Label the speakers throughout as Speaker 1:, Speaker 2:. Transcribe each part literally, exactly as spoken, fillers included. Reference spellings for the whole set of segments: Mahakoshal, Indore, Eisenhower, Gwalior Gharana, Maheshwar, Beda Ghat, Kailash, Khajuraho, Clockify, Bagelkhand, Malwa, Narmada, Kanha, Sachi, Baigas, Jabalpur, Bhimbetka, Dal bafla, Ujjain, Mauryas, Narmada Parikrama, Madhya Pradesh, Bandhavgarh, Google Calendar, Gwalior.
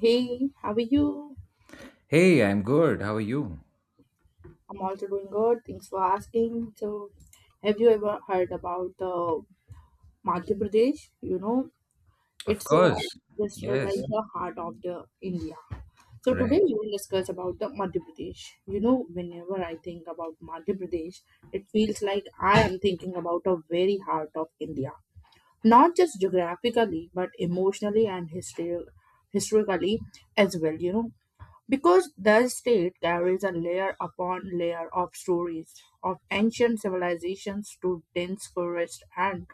Speaker 1: Hey, how are you?
Speaker 2: Hey, I'm good. How are you?
Speaker 1: I'm also doing good. Thanks for asking. So, have you ever heard about uh, Madhya Pradesh? You know,
Speaker 2: Of
Speaker 1: it's uh,
Speaker 2: course.
Speaker 1: just uh, like
Speaker 2: Yes.
Speaker 1: the heart of the India. So today
Speaker 2: Right.
Speaker 1: we will discuss about the Madhya Pradesh. You know, whenever I think about Madhya Pradesh, it feels like I am thinking about a very heart of India, not just geographically but emotionally and histori- historically as well. You know, because the state carries a layer upon layer of stories of ancient civilizations to dense forest and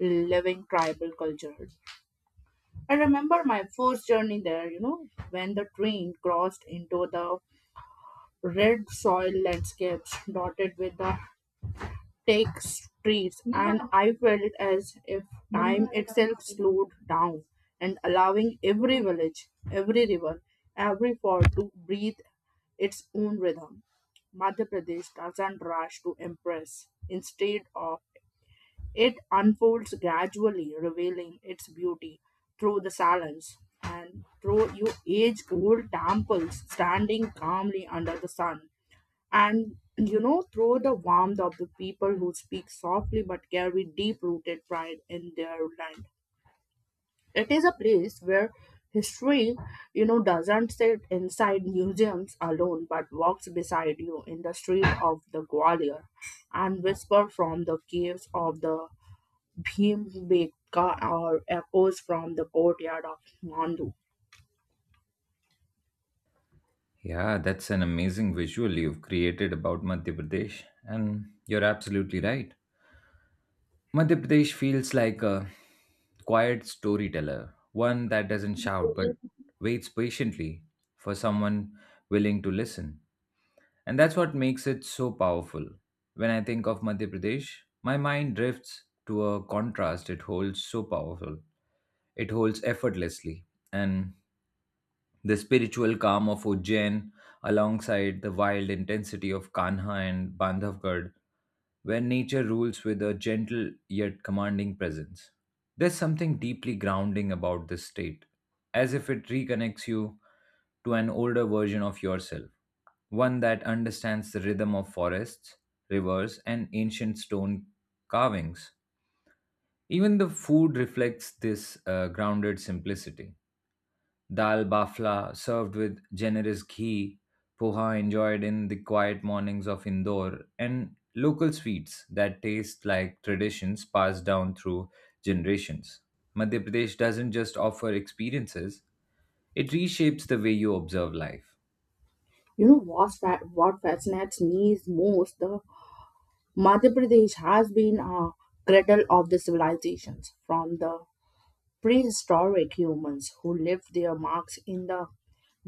Speaker 1: living tribal culture. I remember my first journey there, you know, when the train crossed into the red soil landscapes dotted with the Take streets, and I felt as if time itself slowed down and allowing every village, every river, every fort to breathe its own rhythm. Madhya Pradesh doesn't rush to impress. Instead of it unfolds gradually, revealing its beauty through the silence and through you age old temples standing calmly under the sun, and you know, through the warmth of the people who speak softly but carry deep rooted pride in their land. It is a place where history, you know, doesn't sit inside museums alone but walks beside you in the street of the gwalior and whisper from the caves of the bhimbetka or echoes from the courtyard of mandu.
Speaker 2: Yeah, that's an amazing visual you've created about Madhya Pradesh. And you're absolutely right. Madhya Pradesh feels like a quiet storyteller, one that doesn't shout but waits patiently for someone willing to listen. And that's what makes it so powerful. When I think of Madhya Pradesh, my mind drifts to a contrast it holds so powerful. It holds effortlessly. And the spiritual calm of Ujjain, alongside the wild intensity of Kanha and Bandhavgarh, where nature rules with a gentle yet commanding presence. There's something deeply grounding about this state, as if it reconnects you to an older version of yourself, one that understands the rhythm of forests, rivers, and ancient stone carvings. Even the food reflects this uh, grounded simplicity. Dal bafla, served with generous ghee, poha enjoyed in the quiet mornings of Indore, and local sweets that taste like traditions passed down through generations. Madhya Pradesh doesn't just offer experiences, it reshapes the way you observe life.
Speaker 1: You know what's fa- what fascinates me is most the Madhya Pradesh has been a cradle of the civilizations, from the prehistoric humans who left their marks in the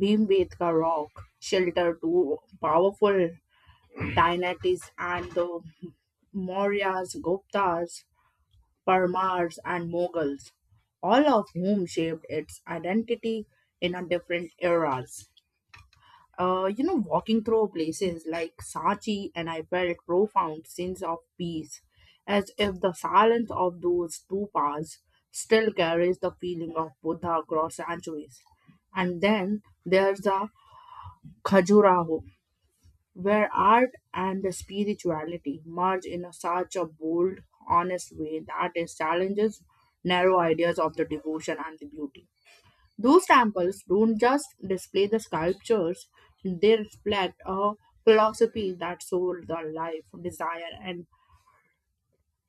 Speaker 1: Bhimbetka rock shelter to powerful dynasties and the Mauryas, Guptas, Parmars, and Mughals, all of whom shaped its identity in a different eras. Uh, you know, walking through places like Sachi, and I felt profound sense of peace, as if the silence of those two paths still carries the feeling of Buddha across centuries. And then there's the Khajuraho, where art and the spirituality merge in a such a bold, honest way that it challenges narrow ideas of the devotion and the beauty. Those temples don't just display the sculptures, they reflect a philosophy that soul, the life, desire, and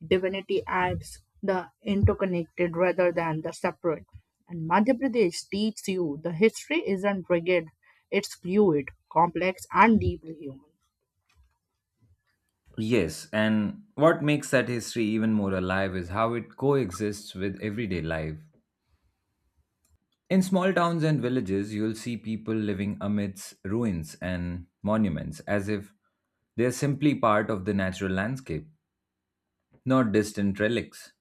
Speaker 1: divinity as the interconnected rather than the separate. And Madhya Pradesh teaches you the history isn't rigid, it's fluid, complex, and deeply human.
Speaker 2: Yes, and what makes that history even more alive is how it coexists with everyday life. In small towns and villages, you'll see people living amidst ruins and monuments as if they're simply part of the natural landscape, not distant relics.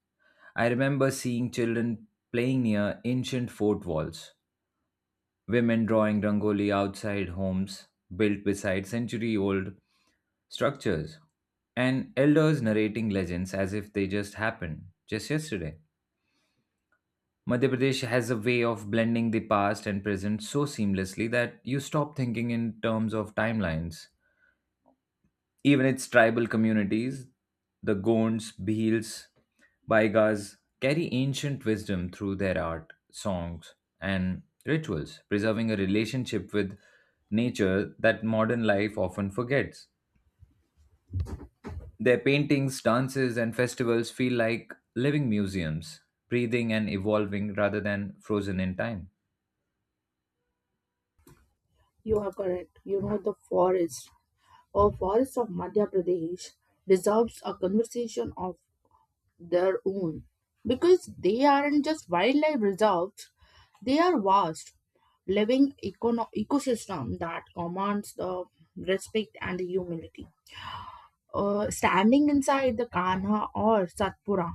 Speaker 2: I remember seeing children playing near ancient fort walls, women drawing rangoli outside homes built beside century old structures, and elders narrating legends as if they just happened just yesterday. Madhya Pradesh has a way of blending the past and present so seamlessly that you stop thinking in terms of timelines. Even its tribal communities, the Gonds, Bhils, Baigas, carry ancient wisdom through their art, songs, and rituals, preserving a relationship with nature that modern life often forgets. Their paintings, dances, and festivals feel like living museums, breathing and evolving rather than frozen in time.
Speaker 1: You are correct. You know, the forest or forests of Madhya Pradesh deserves a conversation of their own because they aren't just wildlife reserves, they are vast living econo- ecosystem that commands the respect and humility. Uh, standing inside the kanha or satpura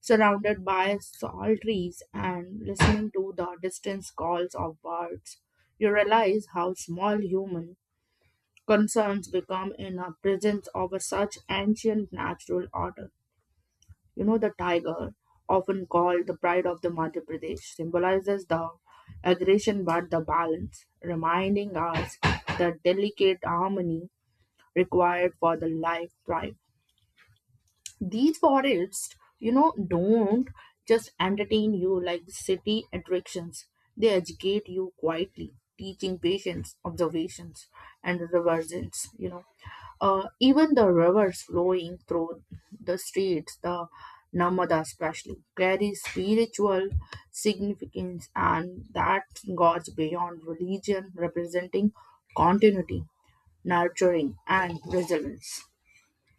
Speaker 1: surrounded by salt trees and listening to the distant calls of birds, you realize how small human concerns become in the presence of such ancient natural order. You know, the tiger, often called the pride of the Madhya Pradesh, symbolizes the aggression but the balance, reminding us the delicate harmony required for the life thrive. These forests, you know, don't just entertain you like city attractions. They educate you quietly, teaching patience, observations, and reverence. You know, uh, even the rivers flowing through the streets, the Namada especially, carry spiritual significance, and that goes beyond religion, representing continuity, nurturing, and resilience.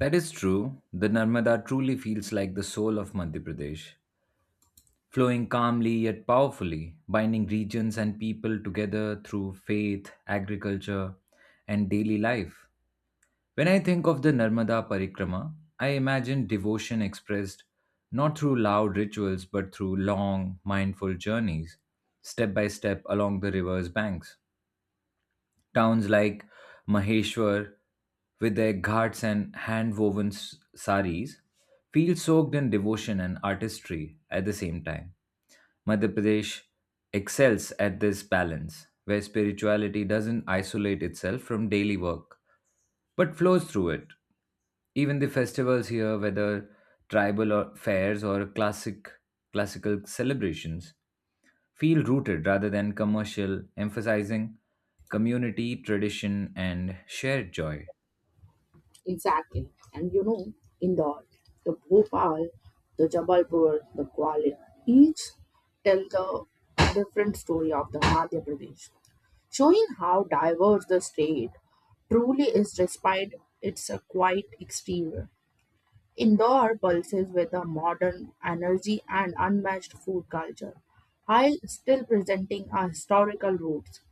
Speaker 2: That is true. The Narmada truly feels like the soul of Madhya Pradesh, flowing calmly yet powerfully, binding regions and people together through faith, agriculture, and daily life. When I think of the Narmada Parikrama, I imagine devotion expressed not through loud rituals but through long, mindful journeys, step by step along the river's banks. Towns like Maheshwar, with their ghats and hand woven saris, feel soaked in devotion and artistry at the same time. Madhya Pradesh excels at this balance, where spirituality doesn't isolate itself from daily work but flows through it. Even the festivals here, whether tribal or fairs or classic classical celebrations, feel rooted rather than commercial, emphasizing community, tradition, and shared joy.
Speaker 1: Exactly. And you know, Indore, the Bhopal, the Jabalpur, the Gwalior, each tell the different story of the Madhya Pradesh, showing how diverse the state truly is despite its uh, quiet exterior. Indore pulses with a modern energy and unmatched food culture, while still presenting our historical roots.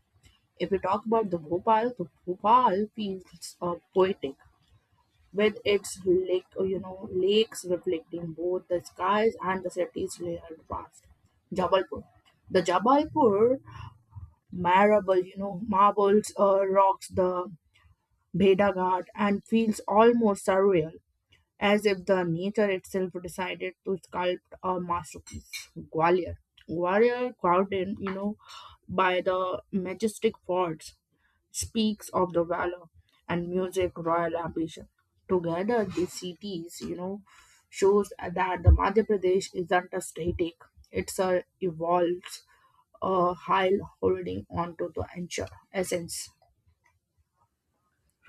Speaker 1: If we talk about the Bhopal, the Bhopal feels uh, poetic with its lake, you know, lakes reflecting both the skies and the city's layered past. Jabalpur. The Jabalpur marble, you know, marbles uh, rocks the Beda Ghat and feels almost surreal, as if the nature itself decided to sculpt a masterpiece. Gwalior. Gwalior, crowded, you know, by the majestic forts, speaks of the valor and music royal ambition. Together, these cities, you know, shows that the Madhya Pradesh isn't a static; it's a evolves, uh, while holding on to the encha- essence.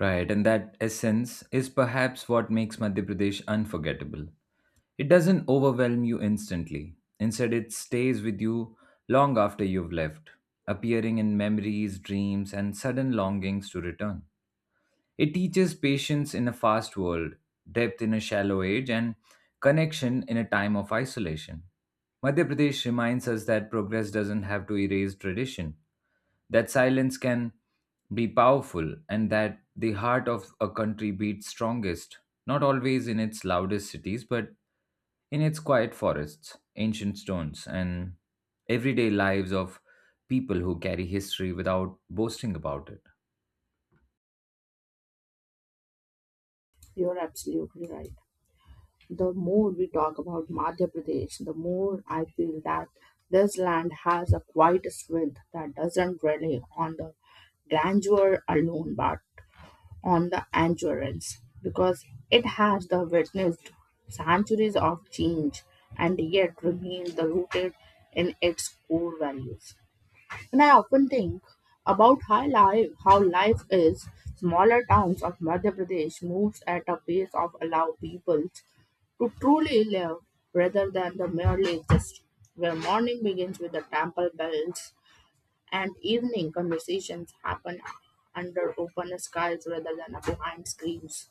Speaker 2: Right, and that essence is perhaps what makes Madhya Pradesh unforgettable. It doesn't overwhelm you instantly. Instead, it stays with you long after you've left, appearing in memories, dreams, and sudden longings to return. It teaches patience in a fast world, depth in a shallow age, and connection in a time of isolation. Madhya Pradesh reminds us that progress doesn't have to erase tradition, that silence can be powerful, and that the heart of a country beats strongest, not always in its loudest cities, but in its quiet forests, ancient stones, and everyday lives of people who carry history without boasting about it.
Speaker 1: You're absolutely right. The more we talk about Madhya Pradesh, the more I feel that this land has a quiet strength that doesn't rely on the grandeur alone but on the endurance, because it has the witnessed centuries of change and yet remains the rooted in its core values. And I often think about how life, how life is. Smaller towns of Madhya Pradesh moves at a pace of allow people to truly live rather than the merely exist. Where morning begins with the temple bells and evening conversations happen under open skies rather than behind screens.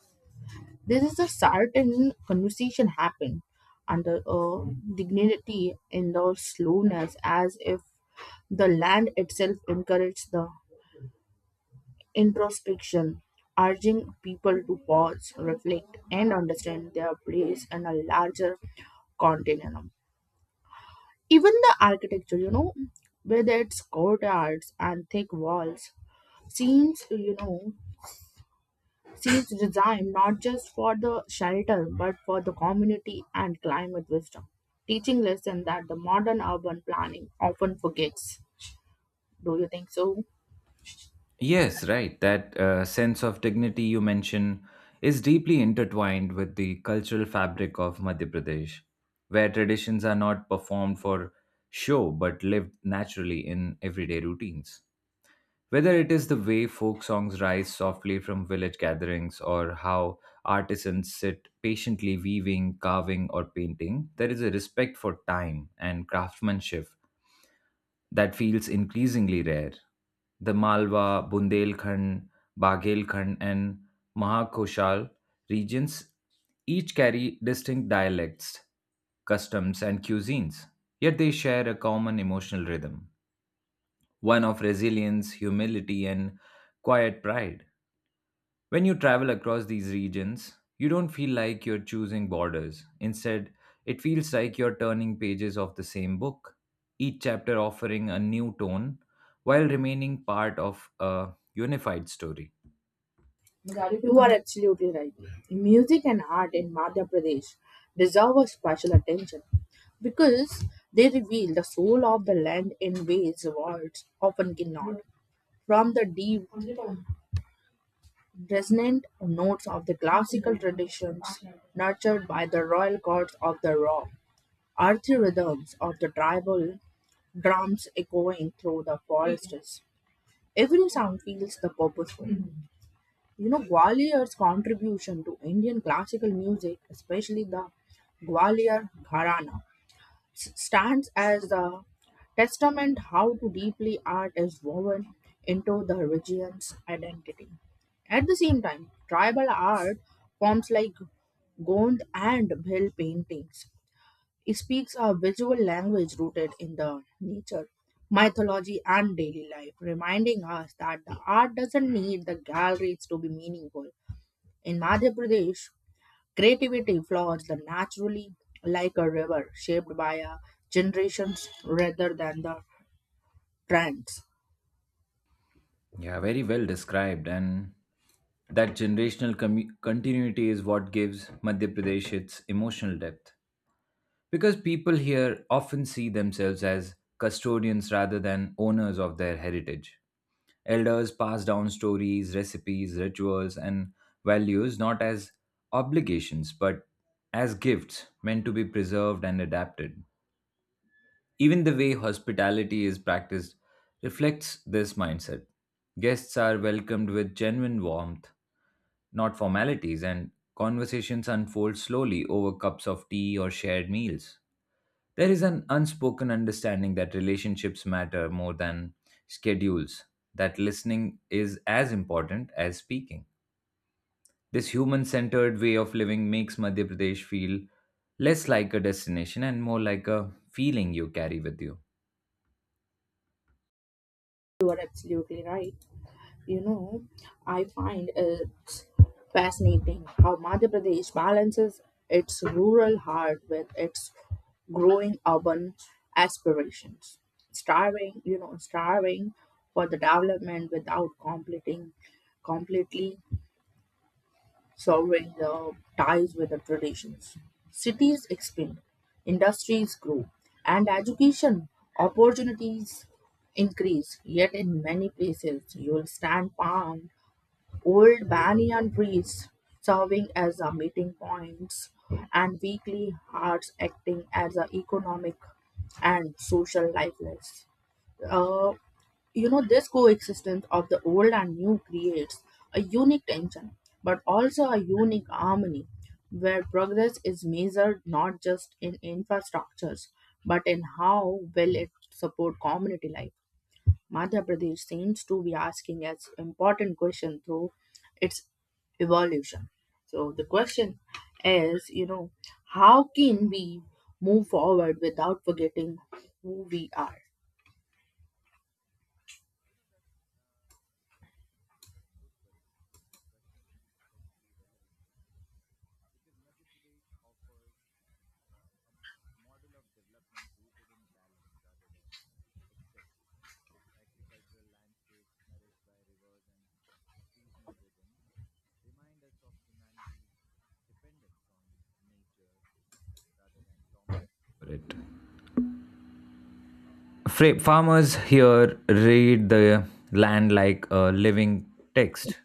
Speaker 1: This is a certain conversation happen under uh, dignity in the slowness, as if the land itself encourages the introspection, urging people to pause, reflect, and understand their place in a larger continuum. Even the architecture, you know, with its courtyards and thick walls, seems, you know, seems designed not just for the shelter but for the community and climate wisdom, teaching lesson that the modern urban planning often forgets. Do you think so?
Speaker 2: Yes, right. That uh, sense of dignity you mention is deeply intertwined with the cultural fabric of Madhya Pradesh, where traditions are not performed for show but lived naturally in everyday routines. Whether it is the way folk songs rise softly from village gatherings or how artisans sit patiently weaving, carving, or painting, there is a respect for time and craftsmanship that feels increasingly rare. The Malwa, Bundelkhand, Bagelkhand, and Mahakoshal regions each carry distinct dialects, customs, and cuisines, yet they share a common emotional rhythm one of resilience, humility, and quiet pride. When you travel across these regions, you don't feel like you're choosing borders. Instead, it feels like you're turning pages of the same book, each chapter offering a new tone while remaining part of a unified story.
Speaker 1: You are absolutely right. Music and art in Madhya Pradesh deserve a special attention because they reveal the soul of the land in ways words often cannot. From the deep, resonant notes of the classical traditions nurtured by the royal gods of the rock, earthy rhythms of the tribal drums echoing through the forests. Every sound feels the purposeful. You know, Gwalior's contribution to Indian classical music, especially the Gwalior Gharana, s- stands as a testament how to deeply art is woven into the region's identity. At the same time, tribal art forms like Gond and Bhil paintings. It speaks a visual language rooted in the nature, mythology, and daily life, reminding us that the art doesn't need the galleries to be meaningful. In Madhya Pradesh, creativity flows naturally like a river shaped by a generations rather than the trends.
Speaker 2: Yeah, very well described. And that generational commu- continuity is what gives Madhya Pradesh its emotional depth. Because people here often see themselves as custodians rather than owners of their heritage. Elders pass down stories, recipes, rituals, and values not as obligations but as gifts meant to be preserved and adapted. Even the way hospitality is practiced reflects this mindset. Guests are welcomed with genuine warmth, not formalities, and conversations unfold slowly over cups of tea or shared meals. There is an unspoken understanding that relationships matter more than schedules, that listening is as important as speaking. This human centered way of living makes Madhya Pradesh feel less like a destination and more like a feeling you carry with you.
Speaker 1: You are absolutely right. You know, I find it's fascinating how Madhya Pradesh balances its rural heart with its growing urban aspirations, starving, you know, starving for the development without completing completely solving the ties with the traditions. Cities expand, industries grow, and education opportunities increase. Yet, in many places, you will stand palm, old banyan trees serving as a meeting points, and weekly hearts acting as a economic and social lifeless. Uh, you know, this coexistence of the old and new creates a unique tension, but also a unique harmony, where progress is measured not just in infrastructures, but in how well it supports community life. Madhya Pradesh seems to be asking as important question through its evolution. So the question is, you know, how can we move forward without forgetting who we are?
Speaker 2: Because Madhya Pradesh offers a m- model of development rooted in balance rather than excess. Its agricultural landscapes, nourished by rivers and seasonal rhythms, remind us of humanity's dependence on nature rather than dominance over it. Fra- farmers here read the land like a living text,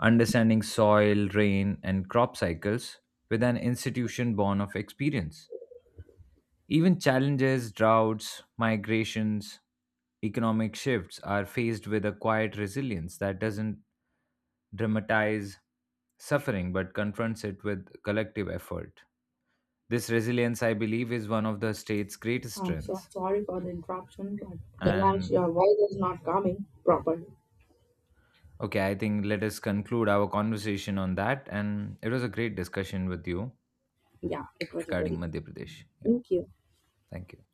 Speaker 2: understanding soil, rain, and crop cycles with an institution born of experience. Even challenges, droughts, migrations, economic shifts are faced with a quiet resilience that doesn't dramatize suffering but confronts it with collective effort. This resilience, I believe, is one of the state's greatest
Speaker 1: I'm so
Speaker 2: strengths.
Speaker 1: sorry for the interruption, but Kailash,
Speaker 2: And
Speaker 1: your voice is not coming properly.
Speaker 2: Okay, I think let us conclude our conversation on that. And it was a great discussion with you
Speaker 1: Yeah, it was a
Speaker 2: regarding
Speaker 1: very
Speaker 2: Madhya Pradesh. Yeah,
Speaker 1: thank you.
Speaker 2: thank you.